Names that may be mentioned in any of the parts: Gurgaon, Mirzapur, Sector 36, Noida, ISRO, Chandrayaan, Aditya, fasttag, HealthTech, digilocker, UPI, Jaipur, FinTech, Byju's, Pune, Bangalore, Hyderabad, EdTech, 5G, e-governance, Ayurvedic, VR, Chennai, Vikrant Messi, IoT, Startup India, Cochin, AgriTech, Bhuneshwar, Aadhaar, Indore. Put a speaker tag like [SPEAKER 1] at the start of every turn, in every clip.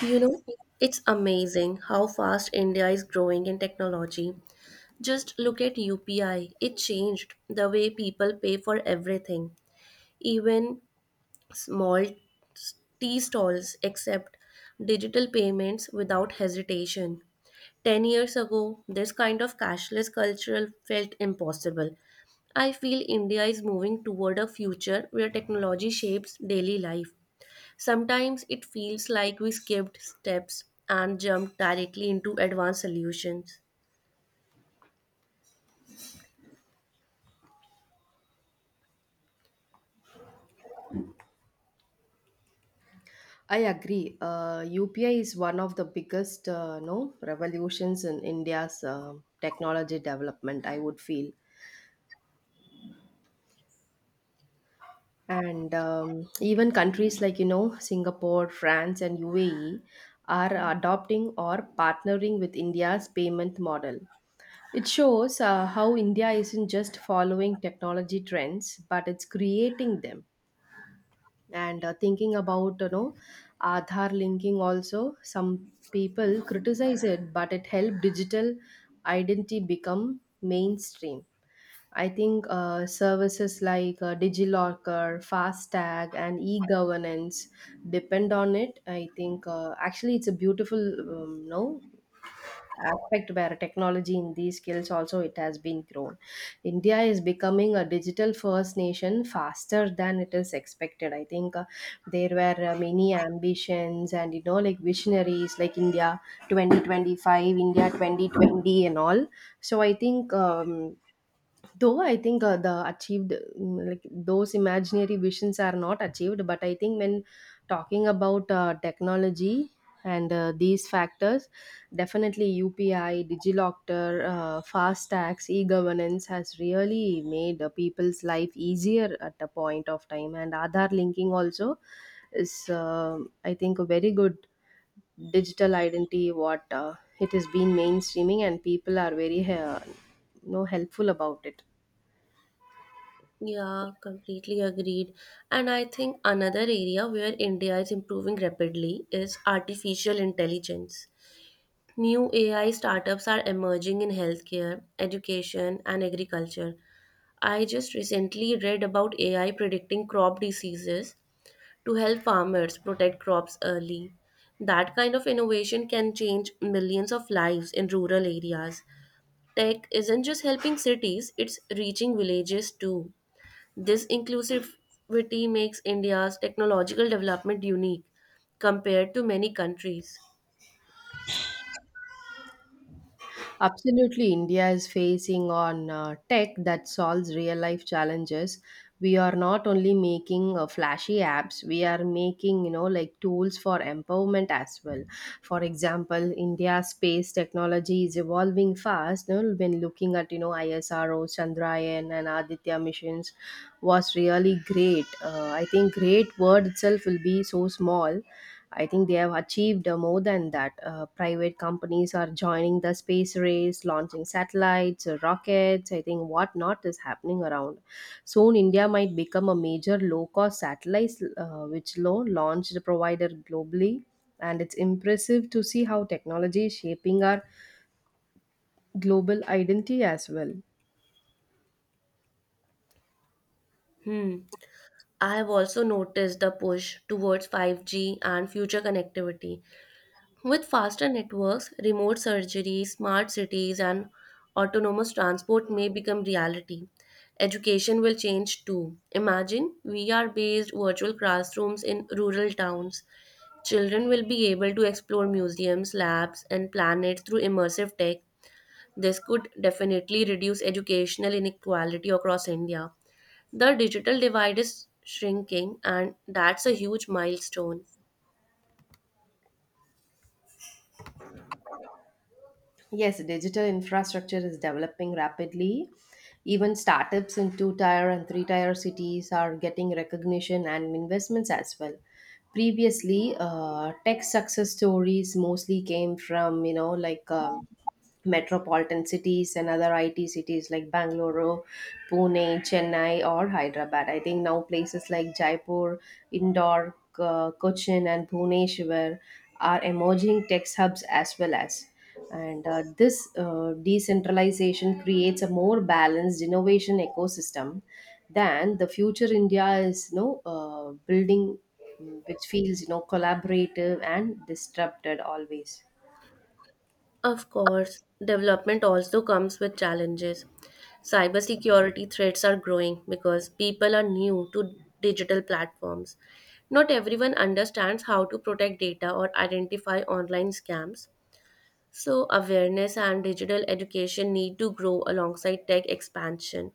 [SPEAKER 1] You know, it's amazing how fast India is growing in technology. Just look at UPI. It changed the way people pay for everything, even small tea stalls accept digital payments without hesitation. 10 years ago, this kind of cashless culture felt impossible. I feel India is moving toward a future where technology shapes daily life. Sometimes it feels like we skipped steps and jumped directly into advanced solutions.
[SPEAKER 2] I agree. UPI is one of the biggest no revolutions in India's technology development, I would feel. And Even countries like Singapore, France, and UAE are adopting or partnering with India's payment model. It shows how India isn't just following technology trends, but it's creating them. And thinking about Aadhaar linking, also some people criticize it, but it helped digital identity become mainstream. I think services like DigiLocker, fasttag and e-governance depend on it. I think actually it's a beautiful no aspect where technology in these skills also, it has been grown. India is becoming a digital first nation faster than it is expected. I think there were many ambitions and visionaries like India 2025, India 2020, and all. So I think the achieved mm, like those imaginary visions are not achieved. But I think when talking about technology and these factors, definitely UPI, DigiLocker, fast tax e-governance has really made people's life easier at a point of time. And Aadhaar linking also is, uh, I think, a very good digital identity, what it has been mainstreaming, and people are very helpful about it.
[SPEAKER 1] Yeah, completely agreed. And I think another area where India is improving rapidly is artificial intelligence. New AI startups are emerging in healthcare, education, and agriculture. I just recently read about AI predicting crop diseases to help farmers protect crops early. That kind of innovation can change millions of lives in rural areas. Tech isn't just helping cities, it's reaching villages too. This inclusivity makes India's technological development unique compared to many countries.
[SPEAKER 2] Absolutely, India is facing on tech that solves real life challenges. We are not only making flashy apps, we are making, you know, like, tools for empowerment as well. For example, India's space technology is evolving fast. You know, when looking at, you know, ISRO, Chandrayaan, and Aditya missions was really great. I think great word itself will be so small. I think they have achieved more than that. Private companies are joining the space race, launching satellites, rockets. I think what not is happening around. Soon, India might become a major low cost satellite, which low launched provider globally. And it's impressive to see how technology is shaping our global identity as well.
[SPEAKER 1] Hmm. I have also noticed the push towards 5G and future connectivity. With faster networks, remote surgery, smart cities, and autonomous transport may become reality. Education will change too. Imagine VR based virtual classrooms in rural towns. Children will be able to explore museums, labs, and planets through immersive tech. This could definitely reduce educational inequality across India. The digital divide is shrinking, and that's a huge milestone.
[SPEAKER 2] Yes, digital infrastructure is developing rapidly. Even startups in two tier and three tier cities are getting recognition and investments as well. Previously, tech success stories mostly came from, you know, like, metropolitan cities and other IT cities like Bangalore, Pune, Chennai, or Hyderabad. I think now places like Jaipur, Indore, Cochin, and Bhuneshwar are emerging tech hubs as well as. And this decentralization creates a more balanced innovation ecosystem than the future India is, you know, building, which feels, you know, collaborative and disrupted always.
[SPEAKER 1] Of course, development also comes with challenges. Cybersecurity threats are growing because people are new to digital platforms. Not everyone understands how to protect data or identify online scams. So, awareness and digital education need to grow alongside tech expansion.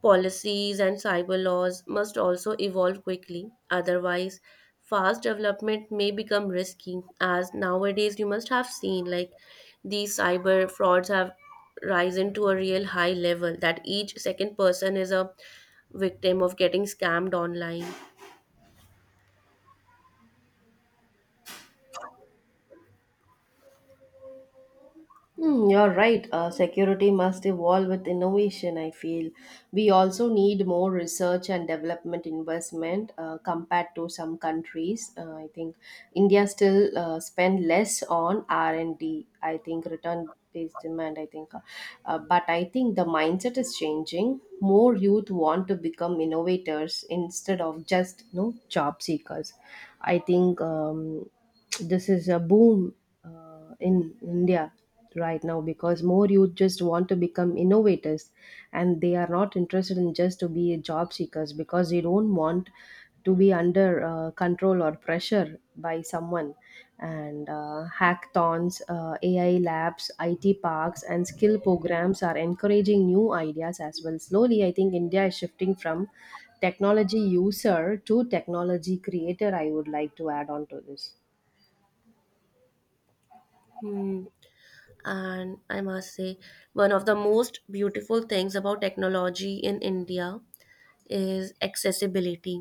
[SPEAKER 1] Policies and cyber laws must also evolve quickly, otherwise, fast development may become risky. As nowadays, you must have seen like these cyber frauds have risen to a real high level that each second person is a victim of getting scammed online.
[SPEAKER 2] Hmm, you're right. Security must evolve with innovation, I feel. We also need more research and development investment compared to some countries. I think India still spend less on R and D. I think return based demand, I think. But I think the mindset is changing. More youth want to become innovators instead of just, you know, job seekers. I think this is a boom in India right now, because more youth just want to become innovators and they are not interested in just to be job seekers, because they don't want to be under control or pressure by someone. And hackathons, AI labs, IT parks, and skill programs are encouraging new ideas as well. Slowly, I think India is shifting from technology user to technology creator. I would like to add on to this.
[SPEAKER 1] Hmm. And I must say, one of the most beautiful things about technology in India is accessibility.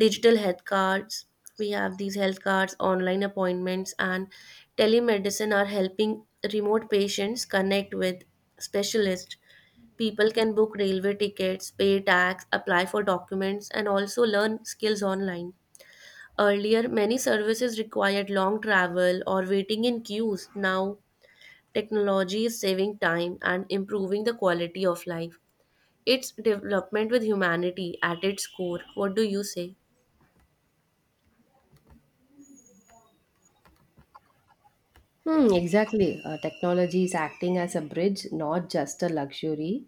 [SPEAKER 1] Digital health cards, we have these health cards, online appointments, and telemedicine are helping remote patients connect with specialists. People can book railway tickets, pay tax, apply for documents, and also learn skills online. Earlier, many services required long travel or waiting in queues. Now technology is saving time and improving the quality of life. It's development with humanity at its core. What do you say?
[SPEAKER 2] Hmm, exactly. Technology is acting as a bridge, not just a luxury.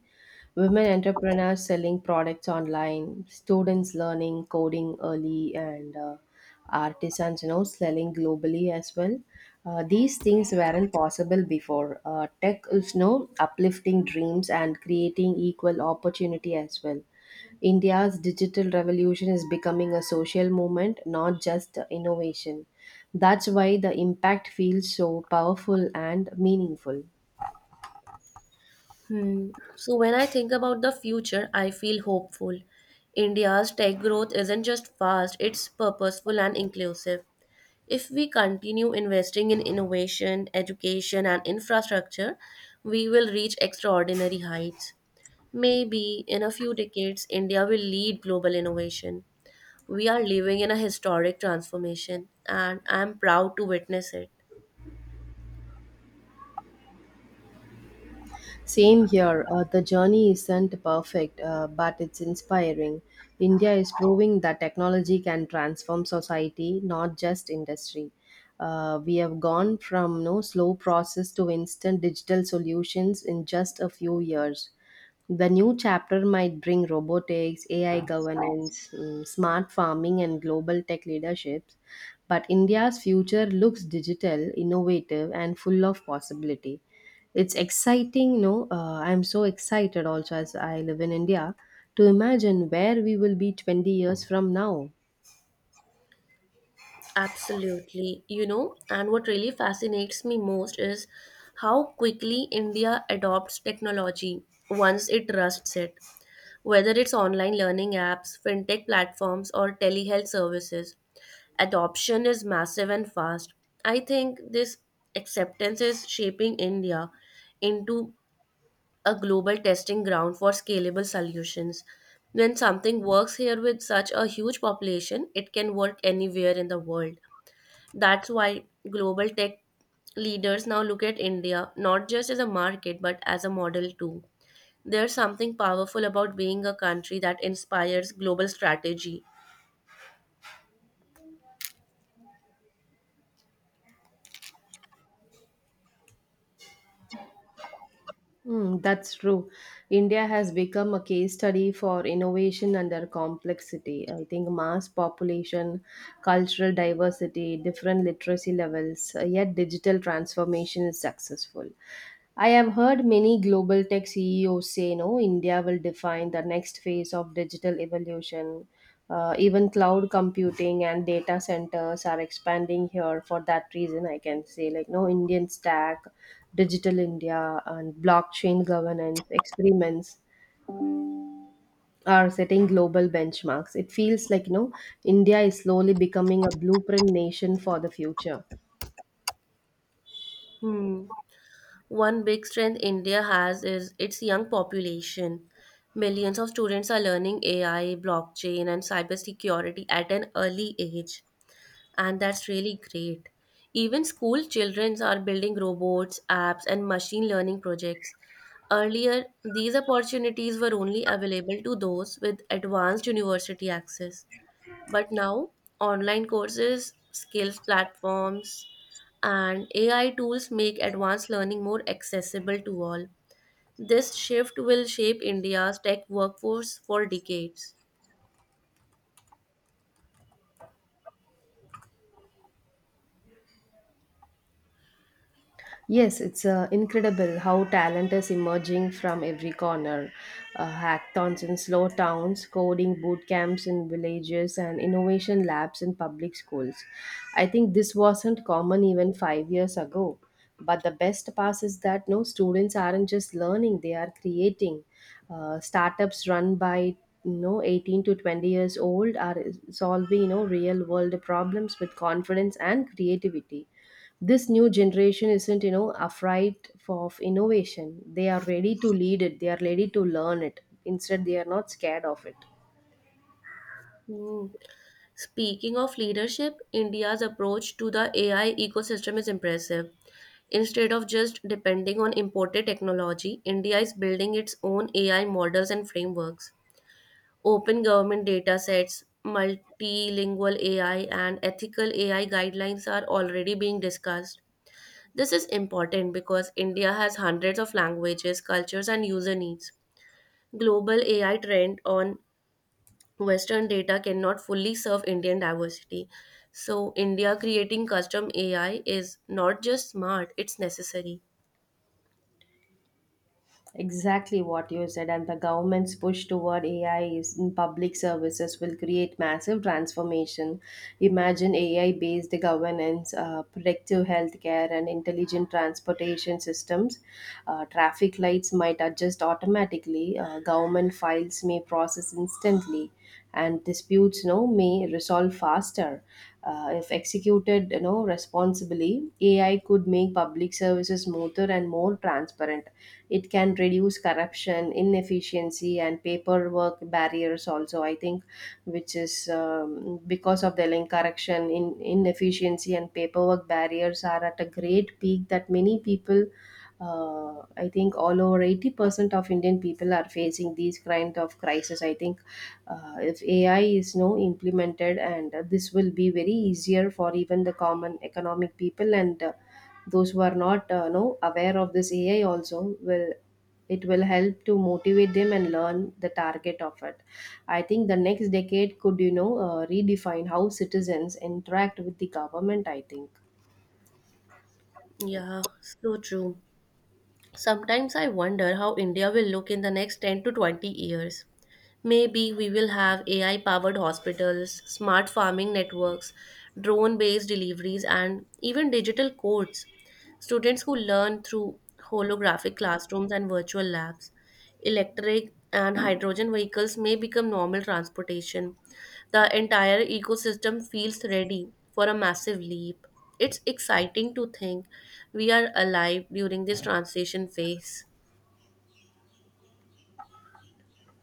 [SPEAKER 2] Women entrepreneurs selling products online, students learning coding early, and artisans, you know, selling globally as well. These things weren't possible before. Tech is, you know, uplifting dreams and creating equal opportunity as well. India's digital revolution is becoming a social movement, not just innovation. That's why the impact feels so powerful and meaningful.
[SPEAKER 1] Hmm. So, when I think about the future, I feel hopeful. India's tech growth isn't just fast, it's purposeful and inclusive. If we continue investing in innovation, education, and infrastructure, we will reach extraordinary heights. Maybe in a few decades, India will lead global innovation. We are living in a historic transformation, and I am proud to witness it.
[SPEAKER 2] Same here. The journey isn't perfect, but it's inspiring. India is proving that technology can transform society, not just industry. We have gone from no slow process to instant digital solutions in just a few years. The new chapter might bring robotics, AI governance, smart farming, and global tech leaderships. But India's future looks digital, innovative, and full of possibility. It's exciting, you know. I'm so excited also, as I live in India, to imagine where we will be 20 years from now.
[SPEAKER 1] Absolutely. You know, and what really fascinates me most is how quickly India adopts technology once it trusts it. Whether it's online learning apps, fintech platforms, or telehealth services, adoption is massive and fast. I think this acceptance is shaping India into a global testing ground for scalable solutions. When something works here with such a huge population, it can work anywhere in the world. That's why global tech leaders now look at India not just as a market but as a model too. There's something powerful about being a country that inspires global strategy.
[SPEAKER 2] Mm, that's true. India has become a case study for innovation under complexity. I think mass population, cultural diversity, different literacy levels, yet digital transformation is successful. I have heard many global tech CEOs say, no, India will define the next phase of digital evolution. Even cloud computing and data centers are expanding here for that reason, I can say. Like, no, Indian stack, Digital India, and blockchain governance experiments are setting global benchmarks. It feels like, you know, India is slowly becoming a blueprint nation for the future.
[SPEAKER 1] Hmm. One big strength India has is its young population. Millions of students are learning AI, blockchain, and cybersecurity at an early age, and that's really great. Even school children are building robots, apps, and machine learning projects. Earlier, these opportunities were only available to those with advanced university access. But now, online courses, skills platforms, and AI tools make advanced learning more accessible to all. This shift will shape India's tech workforce for decades.
[SPEAKER 2] Yes, it's incredible how talent is emerging from every corner. Hackathons in slow towns, coding boot camps in villages, and innovation labs in public schools. I think this wasn't common even 5 years ago. But the best part is that no, students aren't just learning, they are creating. Startups run by, you know, 18 to 20 years old are solving, you know, real world problems with confidence and creativity. This new generation isn't, you know, afraid of innovation. They are ready to lead it, they are ready to learn it. Instead, they are not scared of it.
[SPEAKER 1] Hmm. Speaking of leadership, India's approach to the AI ecosystem is impressive. Instead of just depending on imported technology, India is building its own AI models and frameworks. Open government datasets, multilingual AI, and ethical AI guidelines are already being discussed. This is important because India has hundreds of languages, cultures, and user needs. Global AI trend on Western data cannot fully serve Indian diversity. So, India creating custom AI is not just smart, it's necessary.
[SPEAKER 2] Exactly what you said, and the government's push toward AI is in public services, will create massive transformation. Imagine AI based governance, predictive healthcare, and intelligent transportation systems. Traffic lights might adjust automatically, government files may process instantly, and disputes, you know, may resolve faster. If executed, you know, responsibly, AI could make public services smoother and more transparent. It can reduce corruption, inefficiency, and paperwork barriers also, I think, which is, because of the link correction in inefficiency and paperwork barriers are at a great peak, that many people, I think, all over 80% of Indian people are facing these kind of crisis, I think. If AI is no implemented, and this will be very easier for even the common economic people, and those who are not no aware of this AI, also will, it will help to motivate them and learn the target of it. I think the next decade could, you know, redefine how citizens interact with the government, I think.
[SPEAKER 1] Yeah, so true. Sometimes I wonder how India will look in the next 10 to 20 years. Maybe we will have AI powered hospitals, smart farming networks, drone based deliveries, and even digital courts. Students who learn through holographic classrooms and virtual labs. Electric and hydrogen vehicles may become normal transportation. The entire ecosystem feels ready for a massive leap. It's exciting to think we are alive during this transition phase.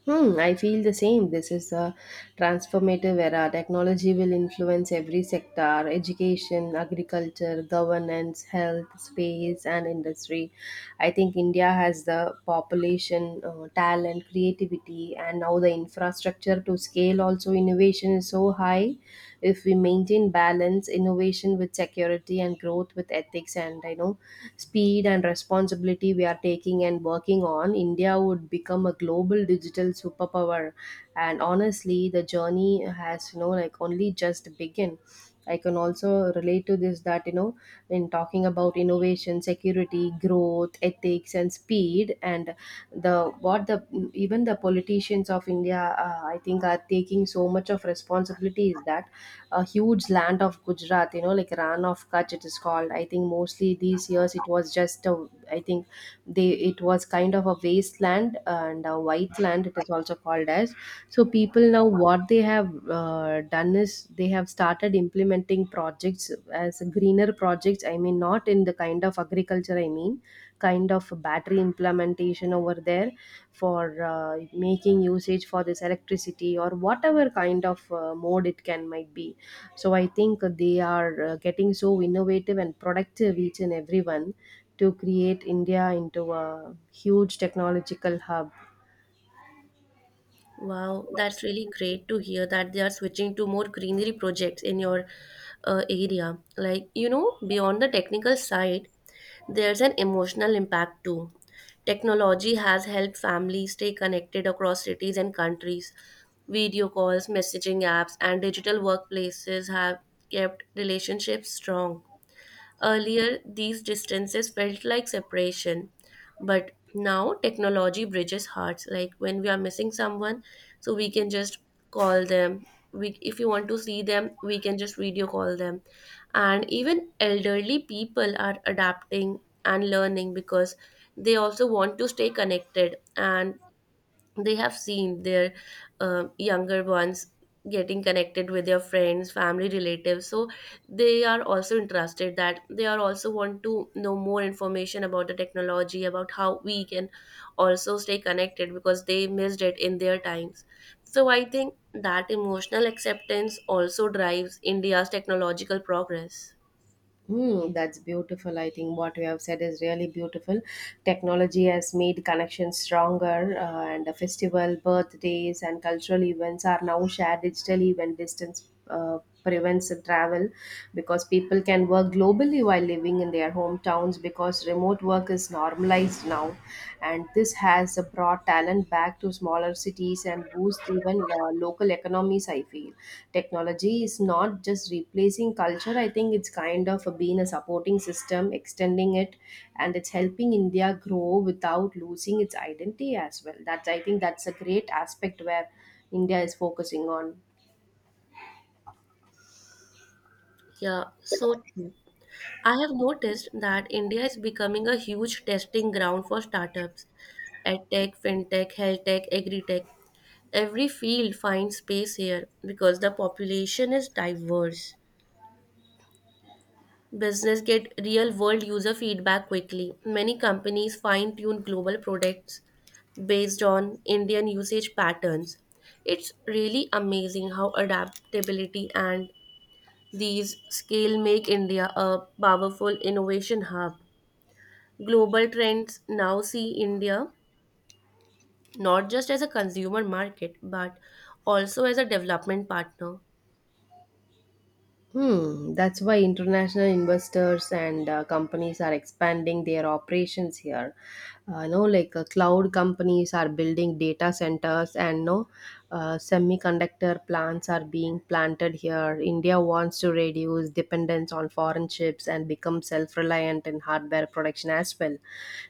[SPEAKER 2] Hmm, I feel the same. This is a transformative era. Technology will influence every sector: education, agriculture, governance, health, space, and industry. I think India has the population, talent, creativity, and now the infrastructure to scale. Also, innovation is so high. If we maintain balance, innovation with security and growth with ethics, and, you know, speed and responsibility we are taking and working on, India would become a global digital superpower. And honestly, the journey has, you know, like, only just begun. I can also relate to this, that, you know, in talking about innovation, security, growth, ethics, and speed and the, what, the even the politicians of India, I think are taking so much of responsibility, is that a huge land of Gujarat, you know, like Ran of Kutch it is called. I think mostly these years it was just a, I think, they it was kind of a wasteland and a white land, it is also called as. So people now, what they have done is they have started implementing projects as greener projects. I mean, not in the kind of agriculture, I mean, kind of battery implementation over there for making usage for this electricity or whatever kind of mode it can might be. So I think they are getting so innovative and productive, each and everyone, to create India into a huge technological hub.
[SPEAKER 1] Wow, that's really great to hear that they are switching to more greenery projects in your area. Like, you know, beyond the technical side, there's an emotional impact too. Technology has helped families stay connected across cities and countries. Video calls, messaging apps, and digital workplaces have kept relationships strong. Earlier, these distances felt like separation, but now technology bridges hearts. Like when we are missing someone, so we can just call them. We, if you want to see them, we can just video call them. And even elderly people are adapting and learning because they also want to stay connected and they have seen their younger ones getting connected with their friends, family, relatives, so they are also interested, that they are also want to know more information about the technology, about how we can also stay connected because they missed it in their times. So I think that emotional acceptance also drives India's technological progress.
[SPEAKER 2] Hmm, that's beautiful. I think what you have said is really beautiful. Technology has made connections stronger, and the festival, birthdays, and cultural events are now shared digitally when distance prevents the travel, because people can work globally while living in their hometowns, because remote work is normalized now. And this has brought talent back to smaller cities and boost even local economies, I feel. Technology is not just replacing culture, I think it's kind of a, being a supporting system, extending it. And it's helping India grow without losing its identity as well. That's, I think that's a great aspect where India is focusing on.
[SPEAKER 1] Yeah, so true. I have noticed that India is becoming a huge testing ground for startups. EdTech, FinTech, HealthTech, AgriTech. Every field finds space here because the population is diverse. Business get real world user feedback quickly. Many companies fine tune global products based on Indian usage patterns. It's really amazing how adaptability and these scale make India a powerful innovation hub. Global trends now see India not just as a consumer market but also as a development partner.
[SPEAKER 2] Hmm, that's why international investors and companies are expanding their operations here. No, like Cloud companies are building data centers, and no semiconductor plants are being planted here. India wants to reduce dependence on foreign chips and become self-reliant in hardware production as well.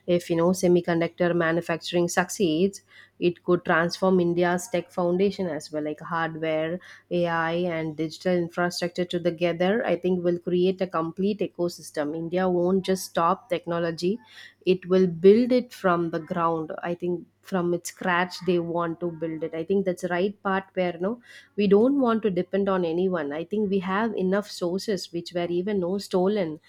[SPEAKER 2] If you know semiconductor manufacturing succeeds, it could transform India's tech foundation as well, like hardware, AI, and digital infrastructure together. I think will create a complete ecosystem. India won't just stop technology; it will build it from the ground. I think from its scratch they want to build it. I think that's the right part where no we don't want to depend on anyone. I think we have enough sources which were even no stolen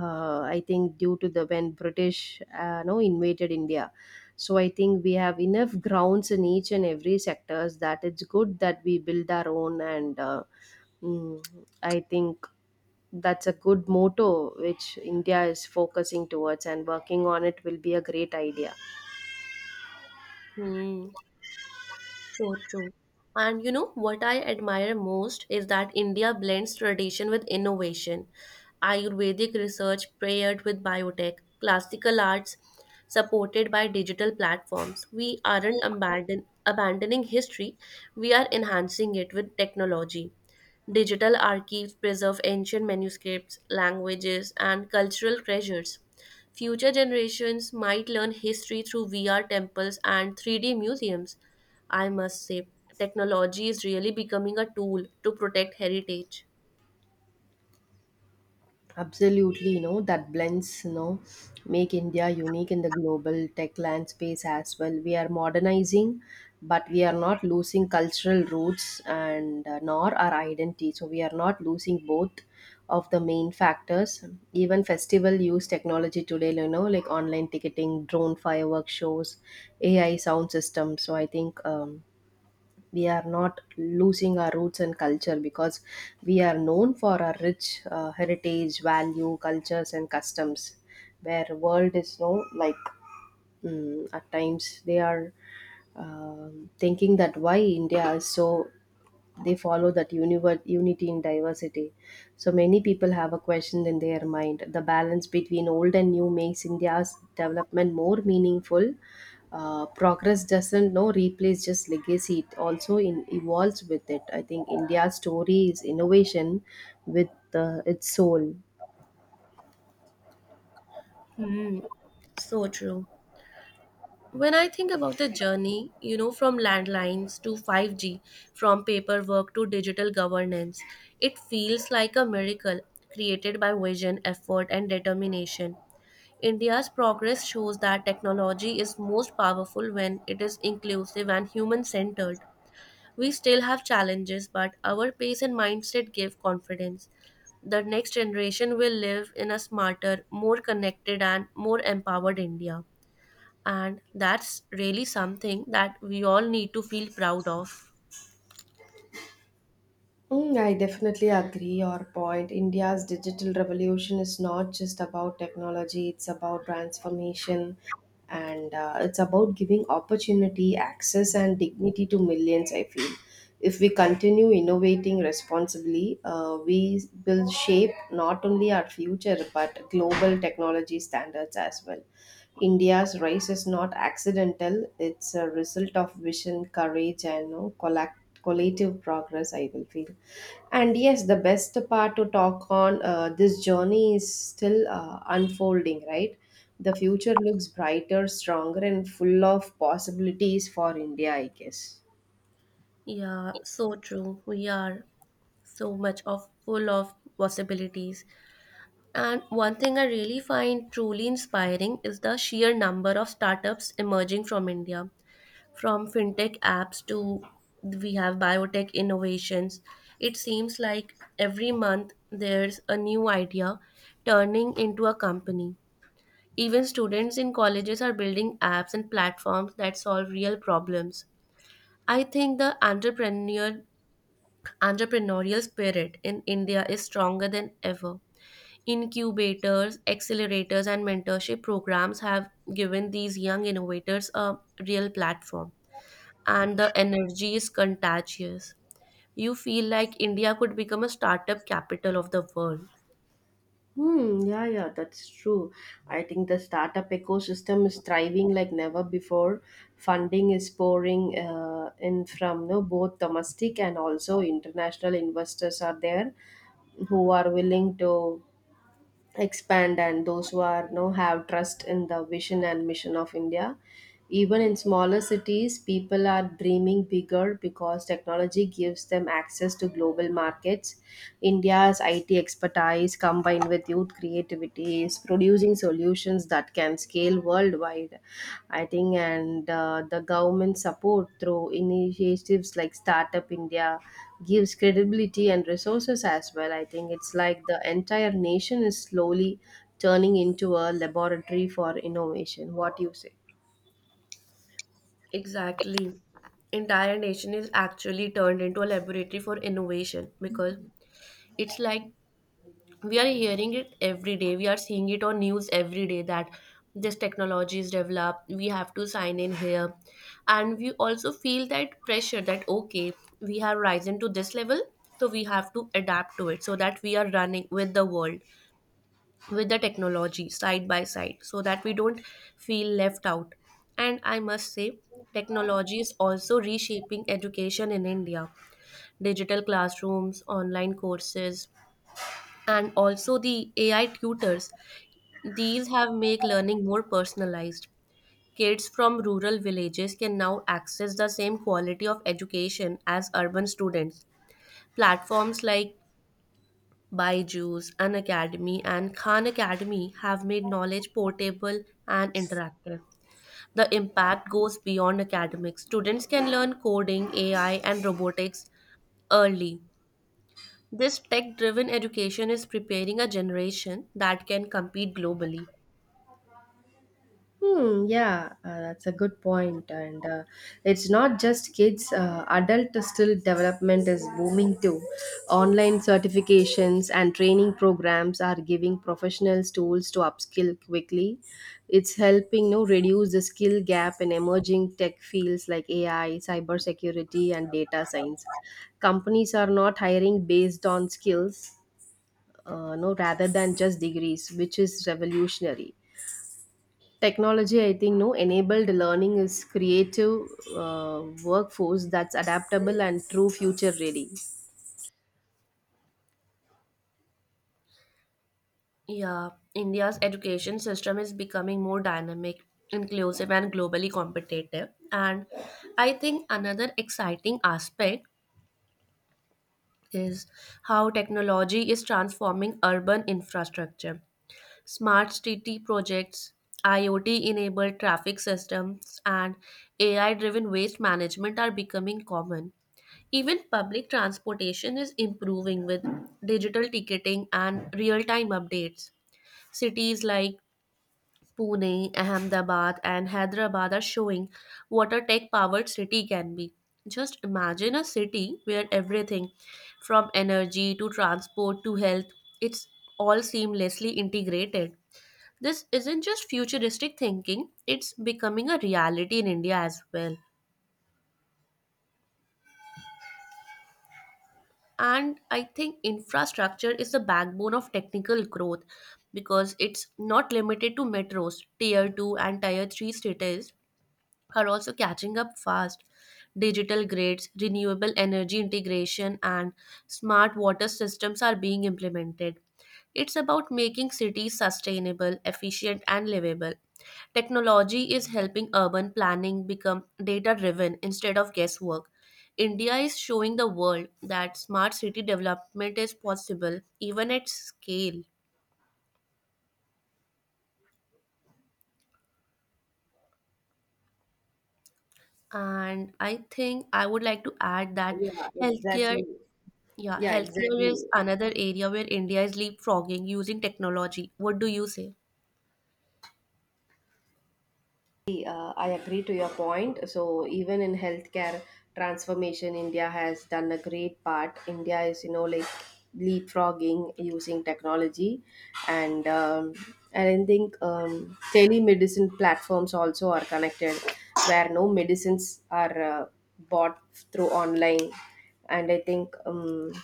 [SPEAKER 2] I think due to the when british no invaded india so I think we have enough grounds in each and every sectors that it's good that we build our own and mm, I think that's a good motto which india is focusing towards and working on it will be a great idea.
[SPEAKER 1] Hmm. So true. And you know what I admire most is that India blends tradition with innovation. Ayurvedic research paired with biotech, classical arts supported by digital platforms. We aren't abandoning history, we are enhancing it with technology. Digital archives preserve ancient manuscripts, languages, and cultural treasures. Future generations might learn history through VR temples and 3D museums. I must say, technology is really becoming a tool to protect heritage.
[SPEAKER 2] Absolutely, you know, that blends, you know, make India unique in the global tech landscape as well. We are modernizing, but we are not losing cultural roots and nor our identity. So we are not losing both of the main factors. Even festival use technology today, you know, like online ticketing, drone firework shows, AI sound system. So I think we are not losing our roots and culture because we are known for our rich heritage value cultures and customs where world is no like at times they are thinking that why india is so they follow that unity in diversity. So many people have a question in their mind. The balance between old and new makes India's development more meaningful. Progress doesn't no replace just legacy. It also evolves with it. I think India's story is innovation with its soul.
[SPEAKER 1] Hmm, so true. When I think about the journey, you know, from landlines to 5G, from paperwork to digital governance, it feels like a miracle created by vision, effort, and determination. India's progress shows that technology is most powerful when it is inclusive and human centered. We still have challenges, but our pace and mindset give confidence. The next generation will live in a smarter, more connected, and more empowered India. And that's really something that we all need to feel proud of.
[SPEAKER 2] Mm, I definitely agree your point. India's digital revolution is not just about technology, it's about transformation and it's about giving opportunity, access, and dignity to millions. I feel if we continue innovating responsibly, we will shape not only our future but global technology standards as well. India's rise is not accidental, it's a result of vision, courage, and you know, collective progress I will feel and yes the best part to talk on this journey is still unfolding right the future looks brighter stronger and full of possibilities for india I guess.
[SPEAKER 1] Yeah, so true. We are so much of full of possibilities. And one thing I really find truly inspiring is the sheer number of startups emerging from India, from fintech apps to we have biotech innovations. It seems like every month there's a new idea turning into a company. Even students in colleges are building apps and platforms that solve real problems. I think the entrepreneurial spirit in India is stronger than ever. Incubators, accelerators, and mentorship programs have given these young innovators a real platform, and the energy is contagious. You feel like India could become a startup capital of the world.
[SPEAKER 2] Hmm, yeah, yeah, that's true. I think the startup ecosystem is thriving like never before. Funding is pouring in from no both domestic and also international investors are there who are willing to expand and those who are you know have trust in the vision and mission of india even in smaller cities, people are dreaming bigger because technology gives them access to global markets. India's IT expertise combined with youth creativity is producing solutions that can scale worldwide, I think, and the government support through initiatives like Startup India gives credibility and resources as well. I think it's like the entire nation is slowly turning into a laboratory for innovation. What do you say?
[SPEAKER 1] Exactly. Entire nation is actually turned into a laboratory for innovation because it's like we are hearing it every day, we are seeing it on news every day, that this technology is developed, we have to sign in here, and we also feel that pressure that, okay, we have risen to this level, so we have to adapt to it so that we are running with the world, with the technology side by side, so that we don't feel left out. And I must say, technology is also reshaping education in India. Digital classrooms, online courses, and also the AI tutors. These have make learning more personalized. Kids from rural villages can now access the same quality of education as urban students. Platforms like Byju's, An Academy, and Khan Academy have made knowledge portable and interactive. The impact goes beyond academics. Students can learn coding, AI, and robotics early. This tech driven education is preparing a generation that can compete globally.
[SPEAKER 2] Hmm, yeah, that's a good point. And it's not just kids, adult skill development is booming too. Online certifications and training programs are giving professionals tools to upskill quickly. It's helping you reduce the skill gap in emerging tech fields like AI, cybersecurity, and data science. Companies are not hiring based on skills, no, rather than just degrees, which is revolutionary. Technology, I think, no enabled learning is creative workforce that's adaptable and true future ready.
[SPEAKER 1] Yeah, India's education system is becoming more dynamic, inclusive, and globally competitive. And I think another exciting aspect is how technology is transforming urban infrastructure. Smart city projects, IoT enabled traffic systems, and AI driven waste management are becoming common. Even public transportation is improving with digital ticketing and real time updates. Cities like Pune, Ahmedabad, and Hyderabad are showing what a tech powered city can be. Just imagine a city where everything from energy to transport to health, it's all seamlessly integrated. This isn't just futuristic thinking, it's becoming a reality in India as well. And I think infrastructure is the backbone of technical growth because it's not limited to metros, tier 2 and tier 3 cities are also catching up fast. Digital grids, renewable energy integration, and smart water systems are being implemented. It's about making cities sustainable, efficient, and livable. Technology is helping urban planning become data driven instead of guesswork. India is showing the world that smart city development is possible even at scale. And I think I would like to add that
[SPEAKER 2] Yeah,
[SPEAKER 1] healthcare,
[SPEAKER 2] exactly.
[SPEAKER 1] yeah,
[SPEAKER 2] Yeah,
[SPEAKER 1] healthcare is
[SPEAKER 2] exactly.
[SPEAKER 1] another area where India is leapfrogging using technology. What do you say?
[SPEAKER 2] I agree to your point. So even in healthcare transformation, India has done a great part. India is, you know, like leapfrogging using technology, and I think telemedicine platforms also are connected, where no medicines are bought through online, and I think.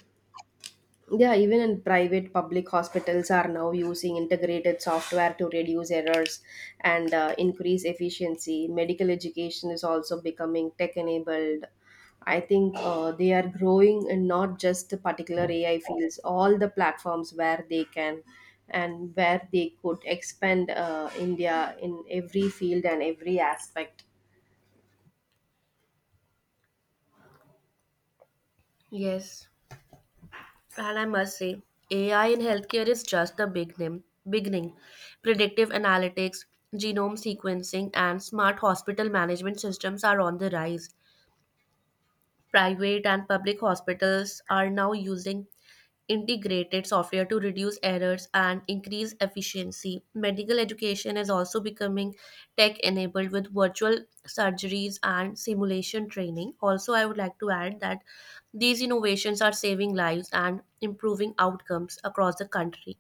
[SPEAKER 2] Yeah, even in private public hospitals are now using integrated software to reduce errors and increase efficiency. Medical education is also becoming tech enabled. I think they are growing in not just the particular AI fields, all the platforms where they can and where they could expand India in every field and every aspect.
[SPEAKER 1] Yes, and I must say, AI in healthcare is just the beginning, predictive analytics, genome sequencing, and smart hospital management systems are on the rise. Private and public hospitals are now using integrated software to reduce errors and increase efficiency. Medical education is also becoming tech enabled with virtual surgeries and simulation training. Also, I would like to add that these innovations are saving lives and improving outcomes across the country.